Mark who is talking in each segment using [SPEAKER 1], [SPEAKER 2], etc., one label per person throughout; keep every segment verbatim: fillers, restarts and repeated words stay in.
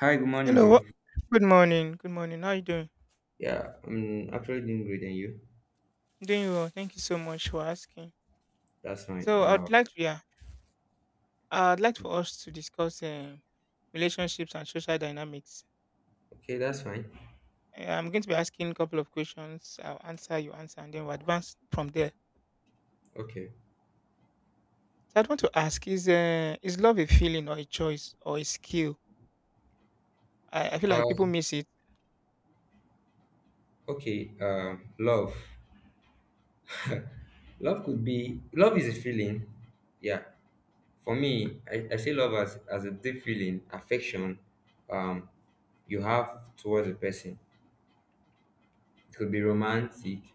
[SPEAKER 1] Hi, good morning,
[SPEAKER 2] Hello. wha-
[SPEAKER 1] bro.
[SPEAKER 2] Good morning. Good morning. How you doing?
[SPEAKER 1] Yeah, I'm actually doing great and you.
[SPEAKER 2] Doing well. Thank you so much for asking.
[SPEAKER 1] That's fine.
[SPEAKER 2] So I'd
[SPEAKER 1] Uh,
[SPEAKER 2] like to, yeah, I'd like for us to discuss um relationships and social dynamics.
[SPEAKER 1] okay, that's fine.
[SPEAKER 2] Uh, I'm going to be asking a couple of questions. I'll answer, you answer, and then we'll advance from there.
[SPEAKER 1] Okay.
[SPEAKER 2] So I'd want to ask: Is uh, is love a feeling or a choice or a skill? I, I feel
[SPEAKER 1] Uh,
[SPEAKER 2] like people miss it.
[SPEAKER 1] okay. Uh, love. Love could be. Love is a feeling. Yeah. For me, I, I see love as as a deep feeling, affection. Um, you have towards a person. It could be romantic.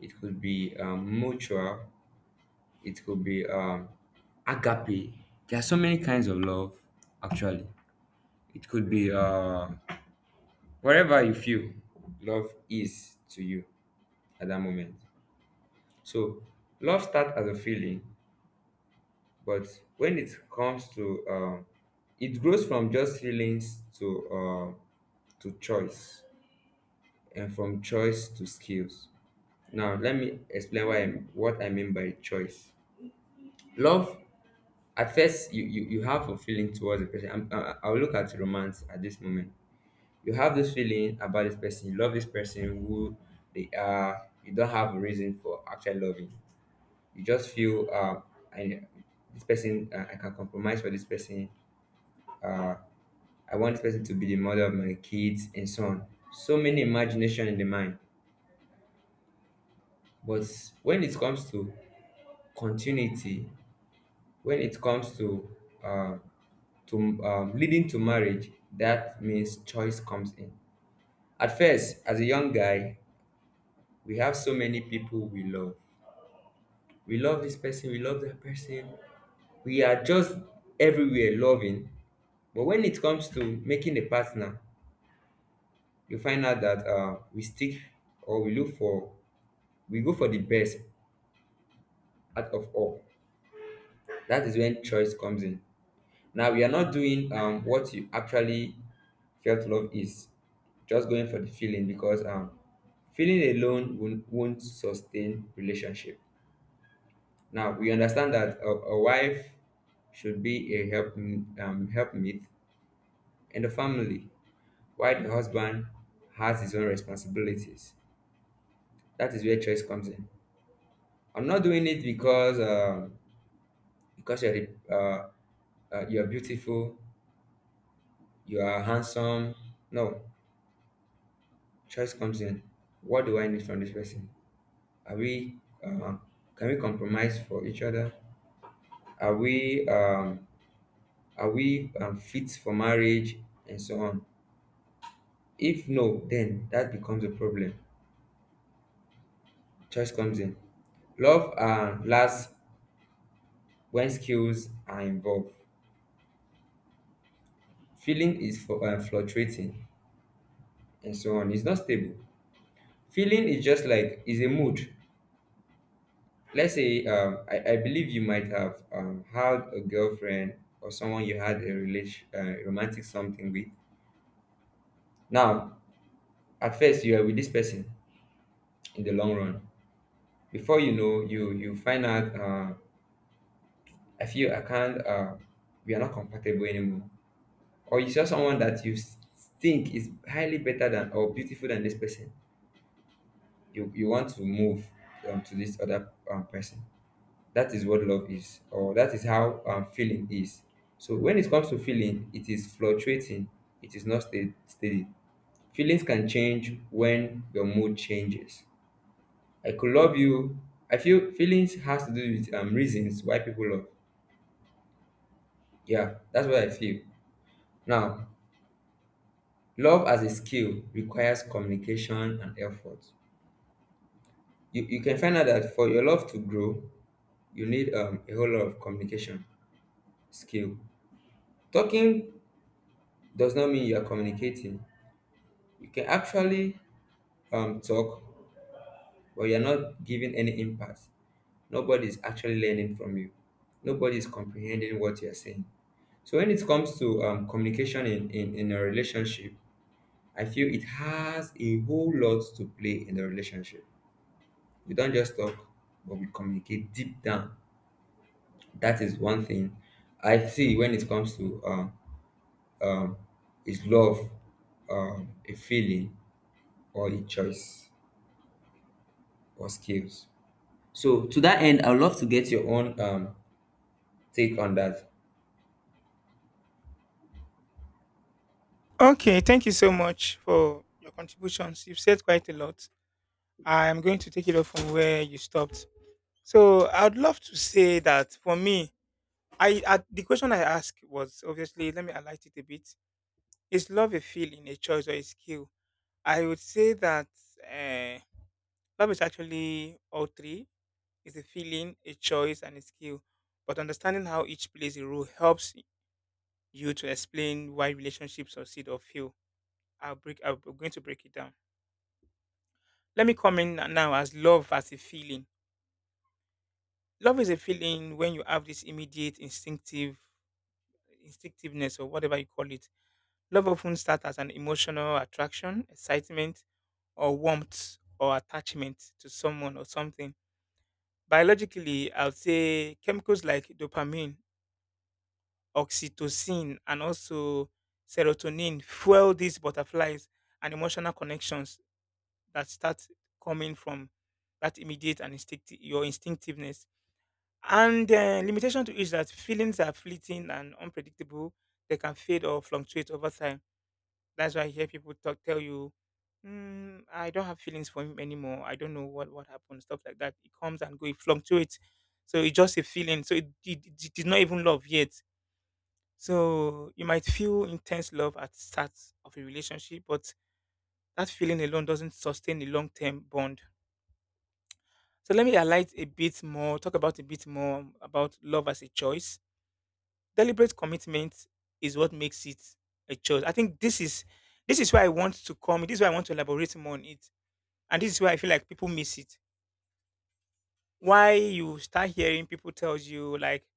[SPEAKER 1] It could be um, mutual. It could be um, agape. There are so many kinds of love. Actually, it could be uh wherever you feel love is to you at that moment. So love starts as a feeling, but when it comes to uh, it grows from just feelings to uh, to choice, and from choice to skills. Now let me explain why I'm, what I mean by choice. Love at first you, you, you have a feeling towards the person. I'm, I- I'll look at romance at this moment. You have this feeling about this person. You love this person, who they are. You don't have a reason for actually loving. You just feel, um I, this person. uh, I can compromise for this person. uh I want this person to be the mother of my kids, and so on. So many imagination in the mind. But when it comes to continuity, when it comes to uh, to um, leading to marriage, that means choice comes in. At first, as a young guy, we have so many people we love. We love this person, we love that person. We are just everywhere loving. But when it comes to making a partner, you find out that uh, we stick, or we look for, we go for the best out of all. That is when choice comes in. Now, we are not doing um, what you actually felt love is, just going for the feeling, because um, feeling alone won't, won't sustain relationship. Now we understand that a, a wife should be a help, um, helpmeet in the family, while the husband has his own responsibilities. That is where choice comes in. I'm not doing it because um because you're the- uh, uh, you're beautiful, you are handsome. No, choice comes in. What do I need from this person? Are we uh, can we compromise for each other? Are we um, are we um, fit for marriage and so on? If no, then that becomes a problem. Choice comes in. Love uh, lasts when skills are involved. Feeling is for, uh, fluctuating and so on. It's not stable. Feeling is just like is a mood. Let's say, um, I, I believe you might have um, had a girlfriend or someone you had a relation, uh, romantic something with. Now, at first you are with this person in the long run. Before you know, you you find out. Uh, I feel I can't. Uh, we are not compatible anymore, or you saw someone that you s- think is highly better than or beautiful than this person, you, you want to move um, to this other um, person. That is what love is, or that is how um, feeling is. So when it comes to feeling, it is fluctuating, it is not sta- steady. Feelings can change when your mood changes. I could love you. I feel feelings has to do with um, reasons why people love. Yeah, that's what I feel. Now, love as a skill requires communication and effort. you, you, can find out that for your love to grow, you need um, a whole lot of communication skill. Talking does not mean you are communicating. You can actually um, talk, but you're not giving any impact, nobody is actually learning from you, nobody is comprehending what you're saying. So when it comes to um, communication in, in, in a relationship, I feel it has a whole lot to play in the relationship. We don't just talk, but we communicate deep down. That is one thing I see when it comes to um, um, is love um, a feeling or a choice or skills. So to that end, I'd love to get your own um, take on that.
[SPEAKER 2] Okay, thank you so much for your contributions. You've said quite a lot. I'm going to take it off from where you stopped. So I'd love to say that for me, I, I the question I asked was obviously let me highlight it a bit. Is love a feeling, a choice, or a skill? I would say that uh, love is actually all three. It's a feeling, a choice, and a skill. But understanding how each plays a role helps you to explain why relationships succeed or fail. I'll break. I'm going to break it down. Let me comment now as love as a feeling. Love is a feeling when you have this immediate instinctive instinctiveness or whatever you call it. Love often starts as an emotional attraction, excitement, or warmth or attachment to someone or something biologically. I would say chemicals like dopamine, oxytocin, and also serotonin fuel these butterflies and emotional connections that start coming from that immediate and instinctive your instinctiveness. And uh, limitation to is that feelings are fleeting and unpredictable. They can fade or fluctuate over time. That's why I hear people talk, tell you, mm, I don't have feelings for him anymore. I don't know what, what happened, stuff like that. It comes and goes, it fluctuates. So it's just a feeling. So it, it, it is not even love yet, so you might feel intense love at the start of a relationship, but that feeling alone doesn't sustain a long-term bond. So let me highlight a bit more, talk about a bit more about love as a choice. Deliberate commitment is what makes it a choice. I think this is this is where I want to come. This is where I want to elaborate more on it, and this is where I feel like people miss it. Why you start hearing people tells you like,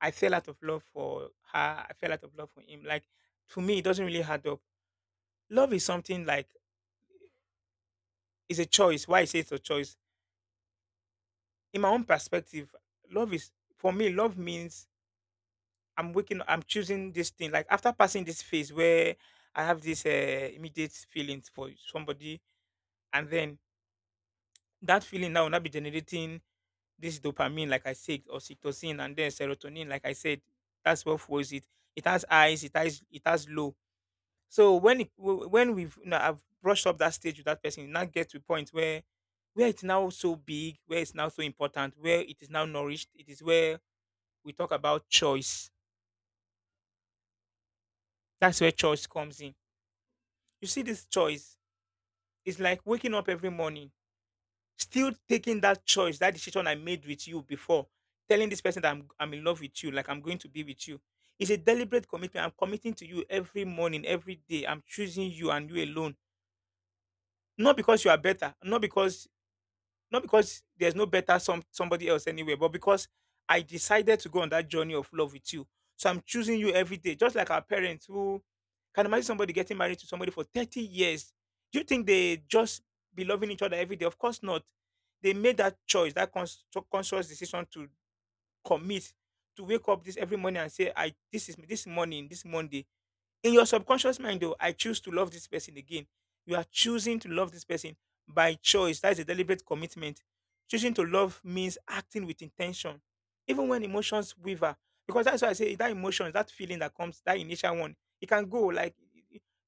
[SPEAKER 2] I fell out of love for her, I fell out of love for him. Like to me, it doesn't really add up. Love is something like it's a choice. Why I say it's a choice? In my own perspective, love is for me. Love means I'm waking. I'm choosing this thing. Like after passing this phase where I have this uh, immediate feelings for somebody, and then that feeling now will not be generating this dopamine, like I said, or oxytocin, and then serotonin, like I said. That's what fuels it. It has highs. It has it has low. So when it, w- when we've, you know, I've brushed up that stage with that person, you now get to a point where where it's now so big, where it's now so important, where it is now nourished. It is where we talk about choice. That's where choice comes in. You see, this choice is like waking up every morning, still taking that choice, that decision I made with you before, telling this person that I'm I'm in love with you, like I'm going to be with you. It's a deliberate commitment. I'm committing to you every morning, every day. I'm choosing you and you alone. Not because you are better, not because not because there's no better some somebody else anywhere, but because I decided to go on that journey of love with you. So I'm choosing you every day, just like our parents who can imagine somebody getting married to somebody for thirty years. Do you think they just be loving each other every day? Of course not. They made that choice, that cons- so, conscious decision to commit, to wake up this every morning and say, I this is this morning, this Monday, in your subconscious mind, though I choose to love this person again. You are choosing to love this person by choice. That is a deliberate commitment. Choosing to love means acting with intention even when emotions waver, because that's why I say that emotion, that feeling that comes, that initial one, it can go like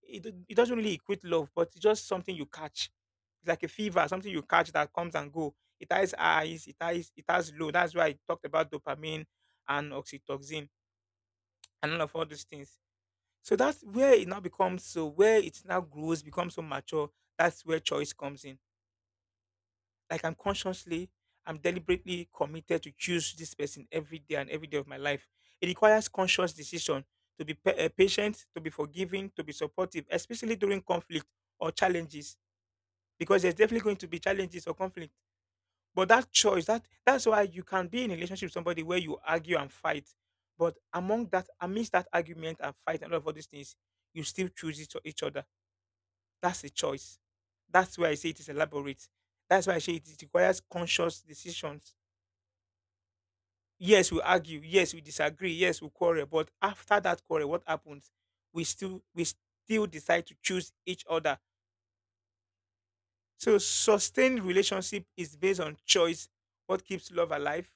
[SPEAKER 2] it, it, it doesn't really equate love, but it's just something you catch. It's like a fever, something you catch that comes and go. It has highs, it has it has low. That's why I talked about dopamine and oxytocin and all of all those things. So that's where it now becomes so, where it now grows, becomes so mature. That's where choice comes in. Like I'm consciously, I'm deliberately committed to choose this person every day and every day of my life. It requires conscious decision to be pa- eh, patient, to be forgiving, to be supportive, especially during conflict or challenges, because there's definitely going to be challenges or conflict. But that choice, that that's why you can be in a relationship with somebody where you argue and fight. But among that, amidst that argument and fight and all of all these things, you still choose each, each other. That's a choice. That's why I say it is elaborate. That's why I say it, it requires conscious decisions. Yes, we argue. Yes, we disagree. Yes, we quarrel. But after that quarrel, what happens? We still we still decide to choose each other. So sustained relationship is based on choice. What keeps love alive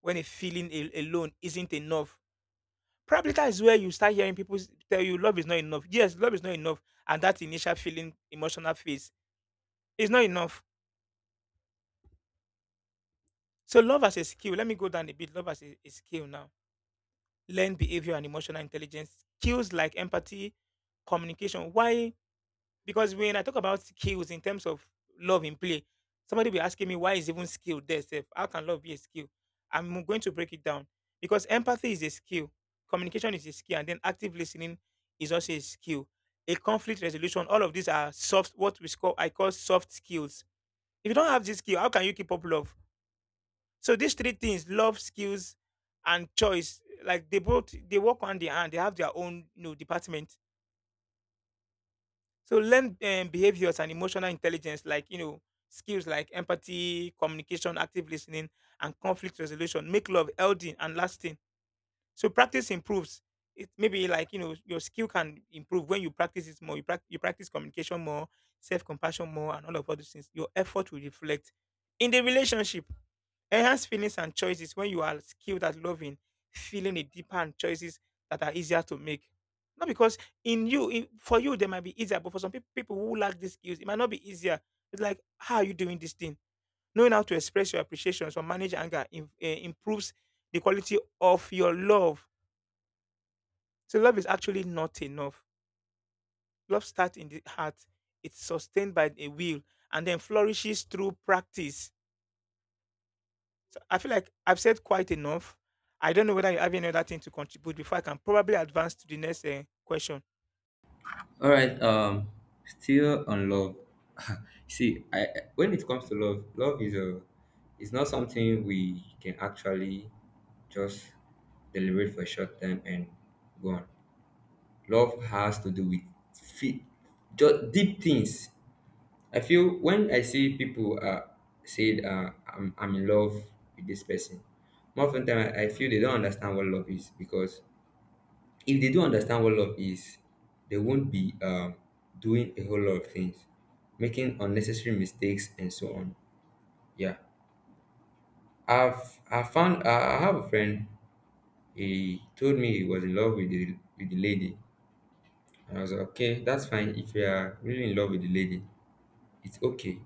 [SPEAKER 2] when a feeling a- alone isn't enough? Probably that is where you start hearing people s- tell you love is not enough. Yes, love is not enough, and that initial feeling, emotional phase is not enough. So love as a skill, let me go down a bit. Love as a, a skill now. Learn behavior and emotional intelligence, skills like empathy, communication. Why? Because when I talk about skills in terms of love in play, somebody be asking me why is even skill there? Sef? How can love be a skill? I'm going to break it down, because empathy is a skill, communication is a skill, and then active listening is also a skill. A conflict resolution, all of these are soft, what we call, I call soft skills. If you don't have this skill, how can you keep up love? So these three things, love, skills, and choice, like they both they work hand in hand. They have their own, you know, department. So learn um, behaviors and emotional intelligence, like, you know, skills like empathy, communication, active listening, and conflict resolution, make love healthy and lasting. So practice improves. It maybe like, you know, your skill can improve when you practice it more. You, prac- you practice communication more, self compassion more, and all of other things. Your effort will reflect in the relationship. Enhanced feelings and choices when you are skilled at loving, feeling it deeper and choices that are easier to make. Not because in you, in, for you, they might be easier, but for some peop- people who lack these skills, it might not be easier. It's like, how are you doing this thing? Knowing how to express your appreciations or manage anger im- eh, improves the quality of your love. So, love is actually not enough. Love starts in the heart, it's sustained by a will, and then flourishes through practice. So I feel like I've said quite enough. I don't know whether you have any other thing to contribute before I can probably advance to the next uh, question.
[SPEAKER 1] All right. Um, still on love. See, I when it comes to love, love is a it's not something we can actually just deliberate for a short time and go on. Love has to do with fe- just deep things. I feel when I see people uh, say, uh, I'm, I'm in love with this person, more often time I, I feel they don't understand what love is, because if they do understand what love is, they won't be um, doing a whole lot of things, making unnecessary mistakes and so on. Yeah, I've I found uh, I have a friend. He told me he was in love with the with the lady, and I was like, okay, that's fine. If you are really in love with the lady, it's okay.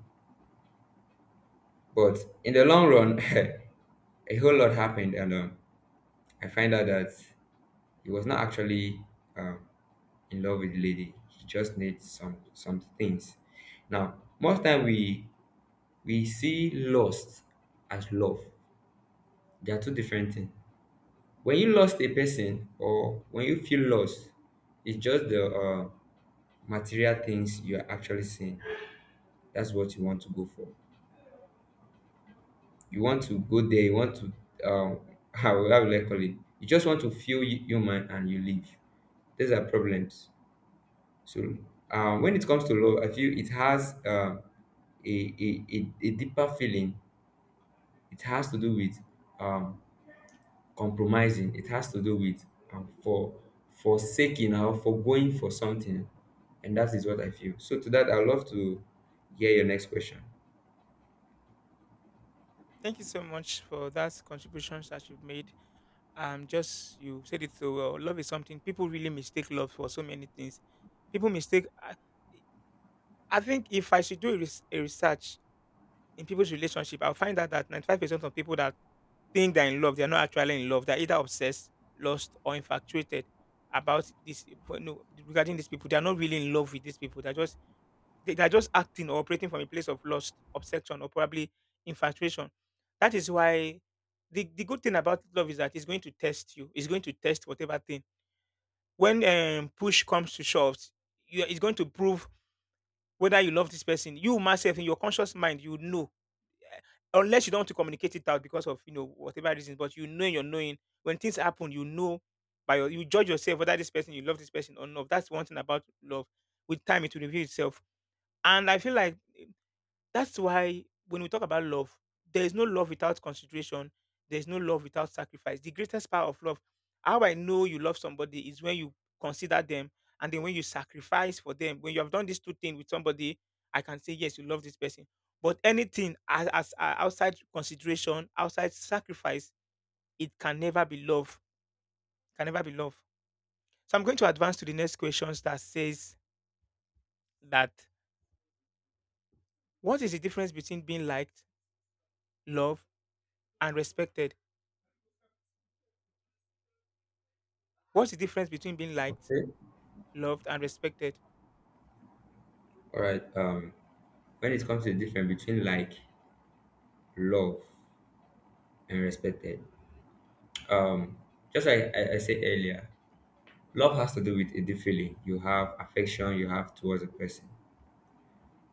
[SPEAKER 1] But in the long run. A whole lot happened, and um, I find out that he was not actually um, in love with the lady. He just needs some some things. Now, most time we we see lust as love. They are two different things. When you lost a person, or when you feel lost, it's just the uh, material things you are actually seeing. That's what you want to go for. You want to go there. You want to um, how how will I call it? You just want to feel hu- human and you leave. These are problems. So um, when it comes to love, I feel it has um, a, a, a, a deeper feeling. It has to do with um, compromising. It has to do with um, for forsaking or forgoing for something. And that is what I feel. So to that, I'd love to hear your next question.
[SPEAKER 2] Thank you so much for that contributions that you've made. Um, just you said it so well. Love is something people really mistake love for so many things. People mistake. I, I think if I should do a, res- a research, in people's relationship, I'll find out that ninety-five percent of people that think they're in love, they're not actually in love. They're either obsessed, lost, or infatuated about this no, regarding these people. They're not really in love with these people. They're just they, they're just acting or operating from a place of lust, obsession, or probably infatuation. That is why the, the good thing about love is that it's going to test you. It's going to test whatever thing. When um, push comes to shove, you, it's going to prove whether you love this person. You myself in your conscious mind, you know, unless you don't want to communicate it out because of, you know, whatever reasons, but you know in your knowing when things happen, you know by your you judge yourself whether this person you love this person or not. That's one thing about love. With time, it will reveal itself. And I feel like that's why when we talk about love, there is no love without consideration. There is no love without sacrifice. The greatest part of love, how I know you love somebody is when you consider them and then when you sacrifice for them. When you have done these two things with somebody, I can say, yes, you love this person. But anything as, as uh, outside consideration, outside sacrifice, it can never be love. Can never be love. So I'm going to advance to the next questions that says that what is the difference between being liked, loved, and respected? What's the difference between being liked,
[SPEAKER 1] Okay.
[SPEAKER 2] loved, and respected?
[SPEAKER 1] All right. Um, when it comes to the difference between like, love, and respected, um, just like I, I said earlier, love has to do with the feeling you have, affection you have towards a person.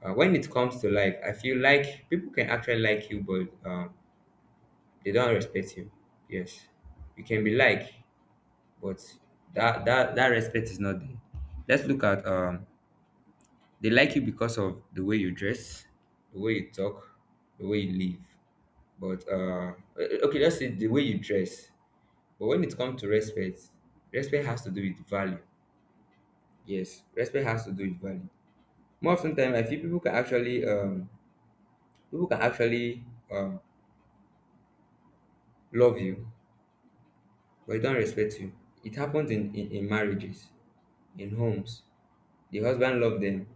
[SPEAKER 1] Uh, when it comes to like, I feel like people can actually like you, but um, they don't respect you. Yes, you can be like, but that that that respect is not there. Let's look at um, they like you because of the way you dress, the way you talk, the way you live. But uh, o- okay, let's say the way you dress. But when it comes to respect, respect has to do with value. Yes, respect has to do with value. More often ten time I feel people can actually um people can actually um love you, but they don't respect you. It happens in, in, in marriages, in homes. The husband love them,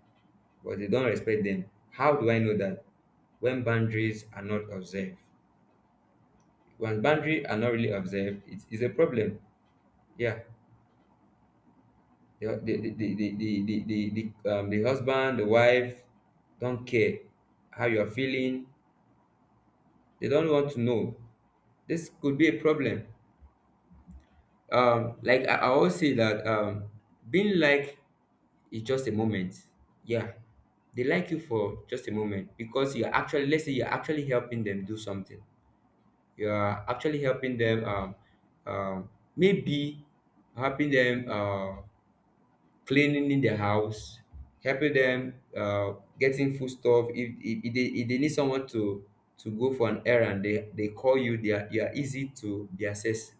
[SPEAKER 1] but they don't respect them. How do I know that? When boundaries are not observed. When boundaries are not really observed, it is a problem. Yeah. The the the the the, the, the, the, um, the husband, the wife don't care how you are feeling. They don't want to know. This could be a problem. um like i, I always say that um being like is just a moment. Yeah, they like you for just a moment, because you're actually let's say you're actually helping them do something, you're actually helping them um um maybe helping them uh cleaning in the house, helping them uh getting food stuff. If, if, if, they, if they need someone to to go for an errand, they they call you, they are, you are easy to be accessed.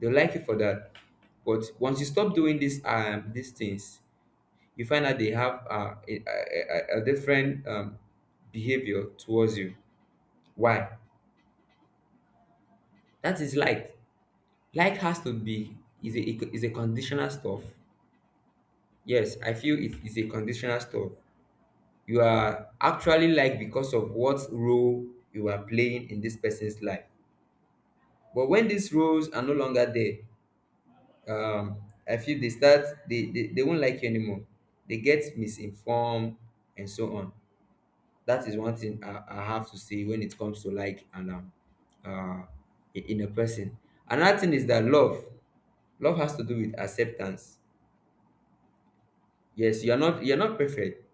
[SPEAKER 1] They'll like you for that. But once you stop doing these um these things, you find out they have uh, a, a, a a different um, behavior towards you. Why? That is like. Like has to be is a is a conditional stuff. Yes, I feel it is a conditional stuff. You are actually like because of what role you are playing in this person's life. But when these roles are no longer there, um I feel they start they, they they won't like you anymore, they get misinformed and so on. That is one thing i, I have to say when it comes to like and um uh in in a person. Another thing is that love love has to do with acceptance. Yes, you're not you're not perfect,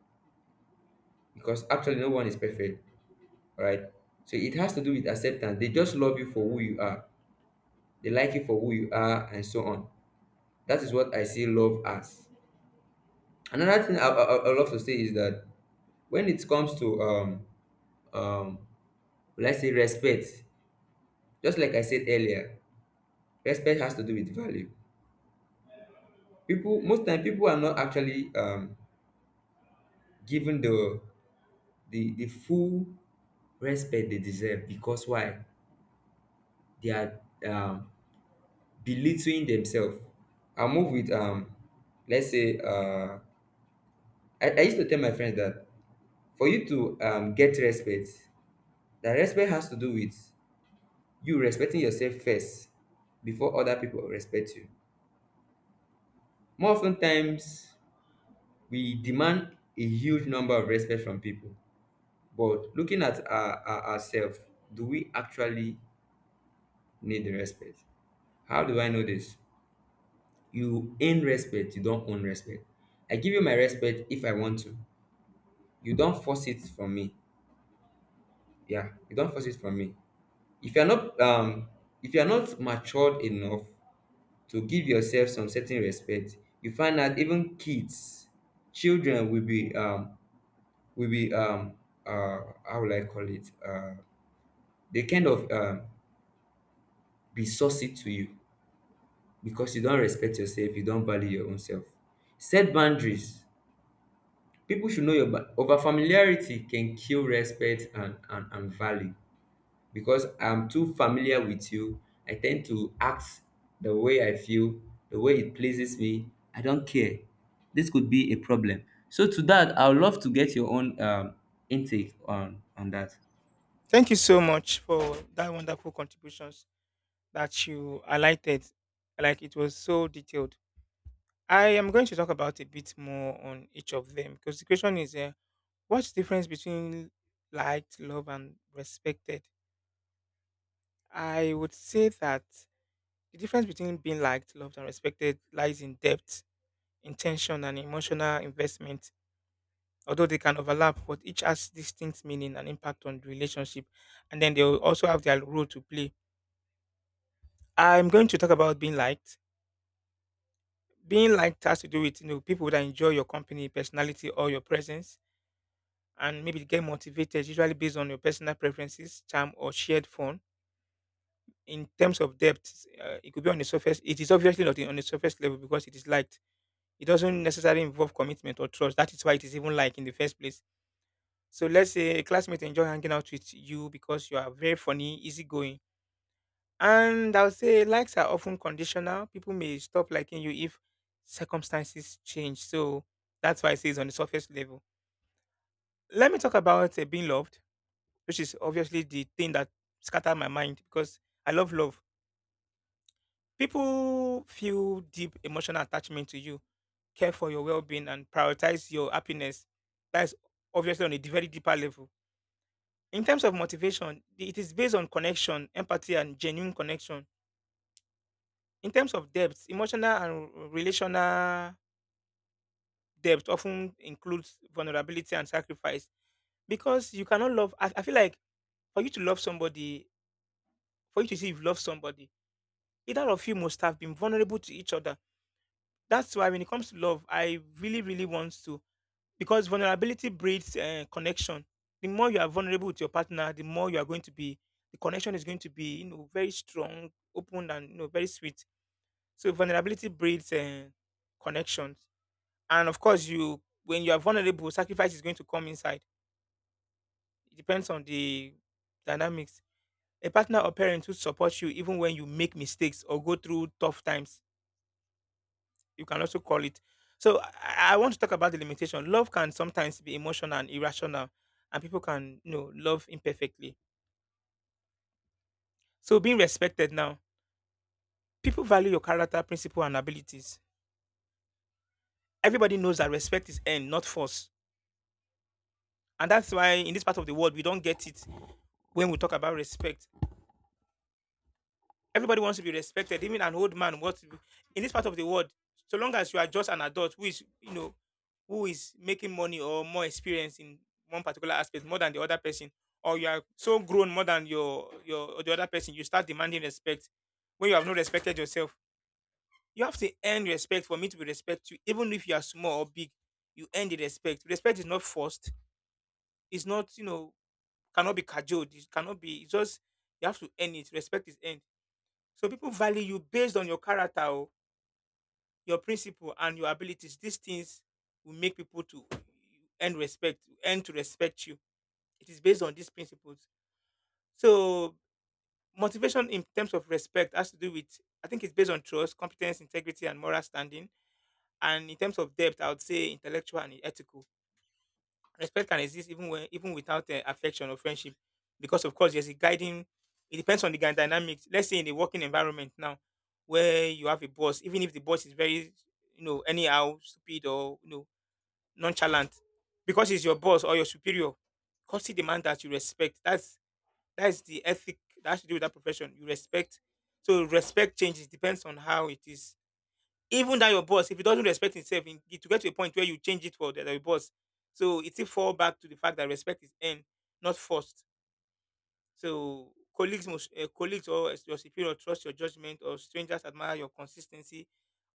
[SPEAKER 1] because actually no one is perfect, right? So it has to do with acceptance. They just love you for who you are, they like you for who you are, and so on. That is what I see love as. Another thing i i, I I love to say is that when it comes to um um will I say respect, just like I said earlier, respect has to do with value. People most time people are not actually um given the the the full respect they deserve. Because why? They are um belittling themselves. I move with um let's say uh I, I used to tell my friends that for you to um get respect, that respect has to do with you respecting yourself first before other people respect you. More often times, we demand a huge number of respect from people, but looking at our, our, ourselves, do we actually need the respect? How do I know this? You earn respect, you don't own respect. I give you my respect if I want to. You don't force it from me. Yeah, you don't force it from me. If you're not um if you're not matured enough to give yourself some certain respect, you find out even kids, children will be um will be um uh how will I call it? Uh they kind of um be saucy to you because you don't respect yourself, you don't value your own self. Set boundaries. People should know your ba- over familiarity can kill respect and, and, and value. Because I'm too familiar with you, I tend to act the way I feel, the way it pleases me. I don't care. This could be a problem. So to that, I would love to get your own um intake on on that.
[SPEAKER 2] Thank you so much for that wonderful contributions that you highlighted. Like it was so detailed. I am going to talk about a bit more on each of them because the question is, uh, what's the difference between liked, loved, and respected? I would say that the difference between being liked, loved, and respected lies in depth, intention, and emotional investment, although they can overlap, but each has distinct meaning and impact on the relationship. And then they will also have their role to play. I'm going to talk about being liked. Being liked has to do with you know people that enjoy your company, personality, or your presence, and maybe get motivated, usually based on your personal preferences, charm, or shared fun. In terms of depth, uh, it could be on the surface. It is obviously not on the surface level because it is liked. It doesn't necessarily involve commitment or trust. That is why it is even liked in the first place. So let's say a classmate enjoy hanging out with you because you are very funny, easygoing. And I will say likes are often conditional. People may stop liking you if circumstances change. So that's why I say it's on the surface level. Let me talk about uh, being loved, which is obviously the thing that scattered my mind because I love love. People feel deep emotional attachment to you, care for your well being, and prioritize your happiness. That's obviously on a d- very deeper level. In terms of motivation, the- it is based on connection, empathy, and genuine connection. In terms of depth, emotional and r- relational depth often includes vulnerability and sacrifice because you cannot love. I, I feel like for you to love somebody, for you to see you've loved somebody, either of you must have been vulnerable to each other. That's why when it comes to love, I really, really want to, because vulnerability breeds uh, connection. The more you are vulnerable with your partner, the more you are going to be. The connection is going to be, you know, very strong, open, and you know, very sweet. So vulnerability breeds uh, connections, and of course, you when you are vulnerable, sacrifice is going to come inside. It depends on the dynamics. A partner or parent who supports you even when you make mistakes or go through tough times, you can also call it. So I, I want to talk about the limitation. Love can sometimes be emotional and irrational, and people can you know love imperfectly. So being respected now, people value your character, principle, and abilities. Everybody knows that respect is earned, not force, and that's why in this part of the world we don't get it when we talk about respect. Everybody wants to be respected, even an old man. What in this part of the world, so long as you are just an adult who is, you know, who is making money or more experience in one particular aspect more than the other person, or you are so grown more than your your or the other person, you start demanding respect when you have not respected yourself. You have to earn respect for me to be respect you, even if you are small or big. You earn the respect. Respect is not forced. It's not, you know, cannot be cajoled. It cannot be. It's just you have to earn it. Respect is earned. So people value you based on your character, oh, your principle, and your abilities. These things will make people to earn respect, earn to respect you. It is based on these principles. So motivation in terms of respect has to do with I think it's based on trust, competence, integrity, and moral standing. And in terms of depth, I would say intellectual and ethical. Respect can exist even when even without uh, affection or friendship because of course there's a guiding, it depends on the guy dynamics. Let's say in the working environment now, where you have a boss, even if the boss is very, you know, anyhow stupid or you know nonchalant, because he's your boss or your superior, cause he demand that you respect, that's that's the ethic that has to do with that profession, you respect. So respect changes depends on how it is. Even that your boss, if he doesn't respect himself, in- it will get to a point where you change it for the, the boss. So it will fall back to the fact that respect is earned, not forced. So colleagues must, uh, colleagues or your superior trust your judgment, or strangers admire your consistency,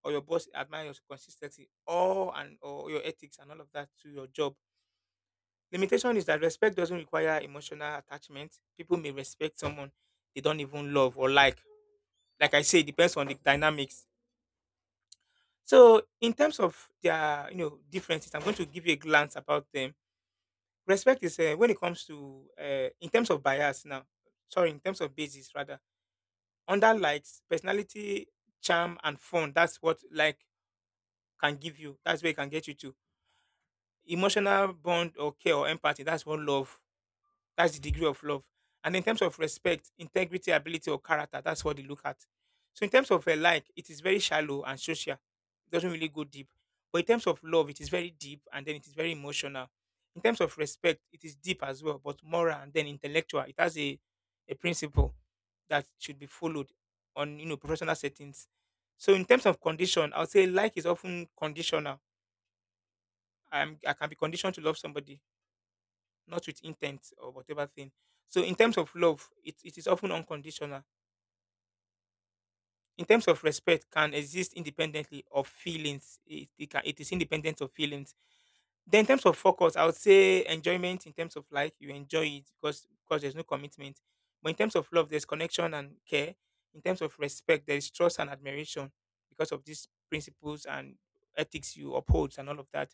[SPEAKER 2] or your boss admire your consistency, or and or your ethics and all of that to your job. Limitation is that respect doesn't require emotional attachment. People may respect someone they don't even love or like. Like I say, it depends on the dynamics. So in terms of their, you know, differences, I'm going to give you a glance about them. Respect is uh, when it comes to uh, in terms of bias now. Sorry, in terms of basis rather. Under likes, personality, charm, and fun. That's what like can give you. That's where it can get you to. Emotional bond or care or empathy. That's what love, that's the degree of love. And in terms of respect, integrity, ability, or character, that's what they look at. So in terms of a like, it is very shallow and social. It doesn't really go deep. But in terms of love, it is very deep and then it is very emotional. In terms of respect, it is deep as well, but moral and then intellectual. It has a, a principle that should be followed on you know professional settings. So in terms of condition, I would say like is often conditional. I'm, I can be conditioned to love somebody not with intent or whatever thing. So in terms of love, it, it is often unconditional. In terms of respect, can exist independently of feelings. It, it, can, it is independent of feelings. Then in terms of focus, I would say enjoyment in terms of like you enjoy it because because there's no commitment. But in terms of love, there's connection and care. In terms of respect, there is trust and admiration because of these principles and ethics you uphold and all of that.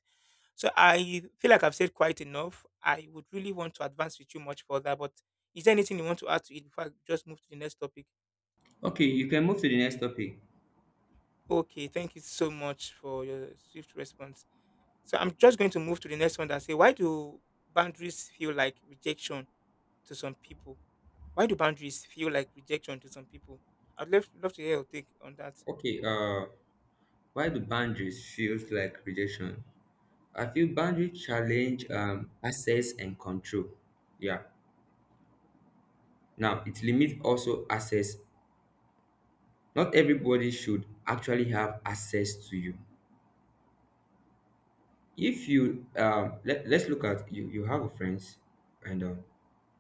[SPEAKER 2] So I feel like I've said quite enough. I would really want to advance with you much further, but is there anything you want to add to it before I just move to the next topic?
[SPEAKER 1] Okay, you can move to the next topic.
[SPEAKER 2] Okay, thank you so much for your swift response. So I'm just going to move to the next one that say, why do boundaries feel like rejection to some people? Why do boundaries feel like rejection to some people? I'd love, love to hear your take on that.
[SPEAKER 1] Okay, uh, why do boundaries feels like rejection? I feel boundaries challenge um, access and control. Yeah. Now, it limits also access. Not everybody should actually have access to you. If you um let, let's look at you, you have a friends, and um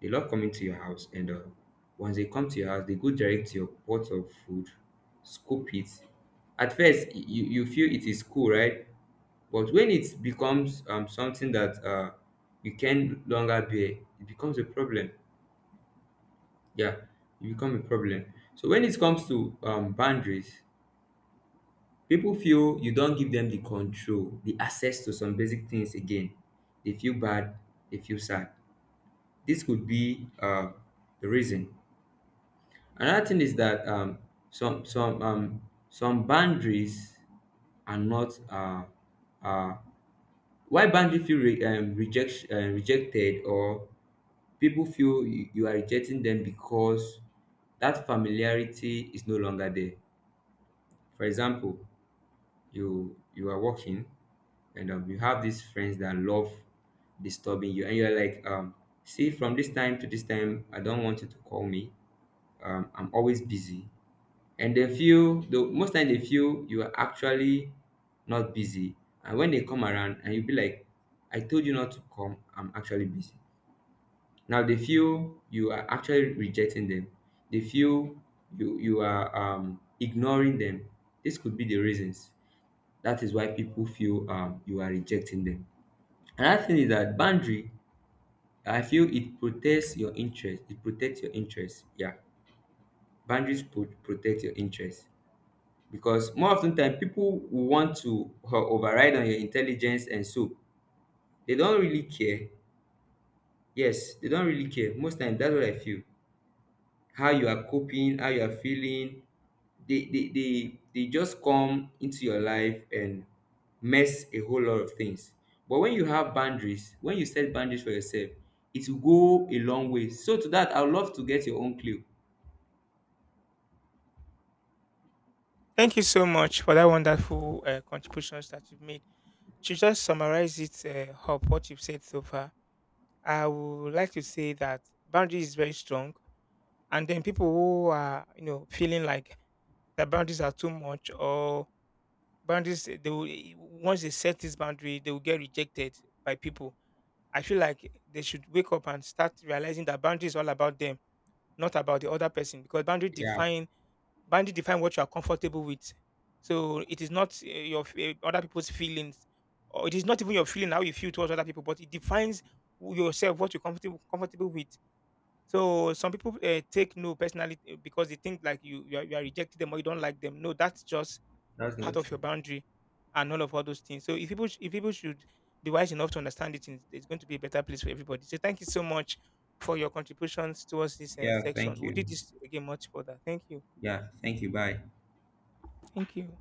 [SPEAKER 1] they love coming to your house, and uh, once they come to your house they go direct to your pot of food, scoop it. At first y- you you feel it is cool, right? But when it becomes um something that uh you can longer bear, it becomes a problem. Yeah, it become a problem. So when it comes to um boundaries, people feel you don't give them the control, the access to some basic things again. They feel bad, they feel sad. This could be um the reason. Another thing is that um some some um some boundaries are not um um why boundary feel re um reject um rejected, or people feel you you are rejecting them because that familiarity is no longer there. For example, you you are working and um, you have these friends that love disturbing you, and you're like, um see, from this time to this time I don't want you to call me, um I'm always busy. And they feel, the most time they feel you are actually not busy. And when they come around and you be like, I told you not to come, I'm actually busy. Now they feel you are actually rejecting them. They feel you you are um ignoring them. This could be the reasons. That is why people feel um you are rejecting them. Another thing is that boundary, I feel it protects your interest. It protects your interest. Yeah, boundaries pro- protect your interest because more often than people will want to o- override on your intelligence, and so they don't really care. Yes, they don't really care. Most time, that's what I feel, how you are coping, how you are feeling. They they they, they just come into your life and mess a whole lot of things. But when you have boundaries, when you set boundaries for yourself, it will go a long way. So to that, I would love to get your own clue.
[SPEAKER 2] Thank you so much for that wonderful uh, contributions that you've made. To just summarize it uh, up, what you've said so far, I would like to say that boundary is very strong, and then people who are you know feeling like the boundaries are too much or boundaries eh, they will, eh, once they set this boundary they will get rejected by people. I feel like they should wake up and start realizing that boundary is all about them, not about the other person, because boundary
[SPEAKER 1] Yeah,
[SPEAKER 2] defines boundary define what you are comfortable with. So it is not uh, your f- uh, other people's feelings, or it is not even your feeling how you feel towards other people, but it defines who yourself what you're comfortable comfortable with. So some people uh, take no personally uh, because they think like you you are, you are rejecting them or you don't like them. No, that's just
[SPEAKER 1] that's
[SPEAKER 2] part
[SPEAKER 1] not
[SPEAKER 2] of your
[SPEAKER 1] true.
[SPEAKER 2] boundary and all of all those things. So if people sh- if people should be wise enough to understand it, it's it's going to be a better place for everybody. So thank you so much for your contributions towards this uh,
[SPEAKER 1] Yeah,
[SPEAKER 2] section.
[SPEAKER 1] thank
[SPEAKER 2] We
[SPEAKER 1] you.
[SPEAKER 2] did this again much further. Thank you.
[SPEAKER 1] Yeah, thank you. Bye.
[SPEAKER 2] Thank you.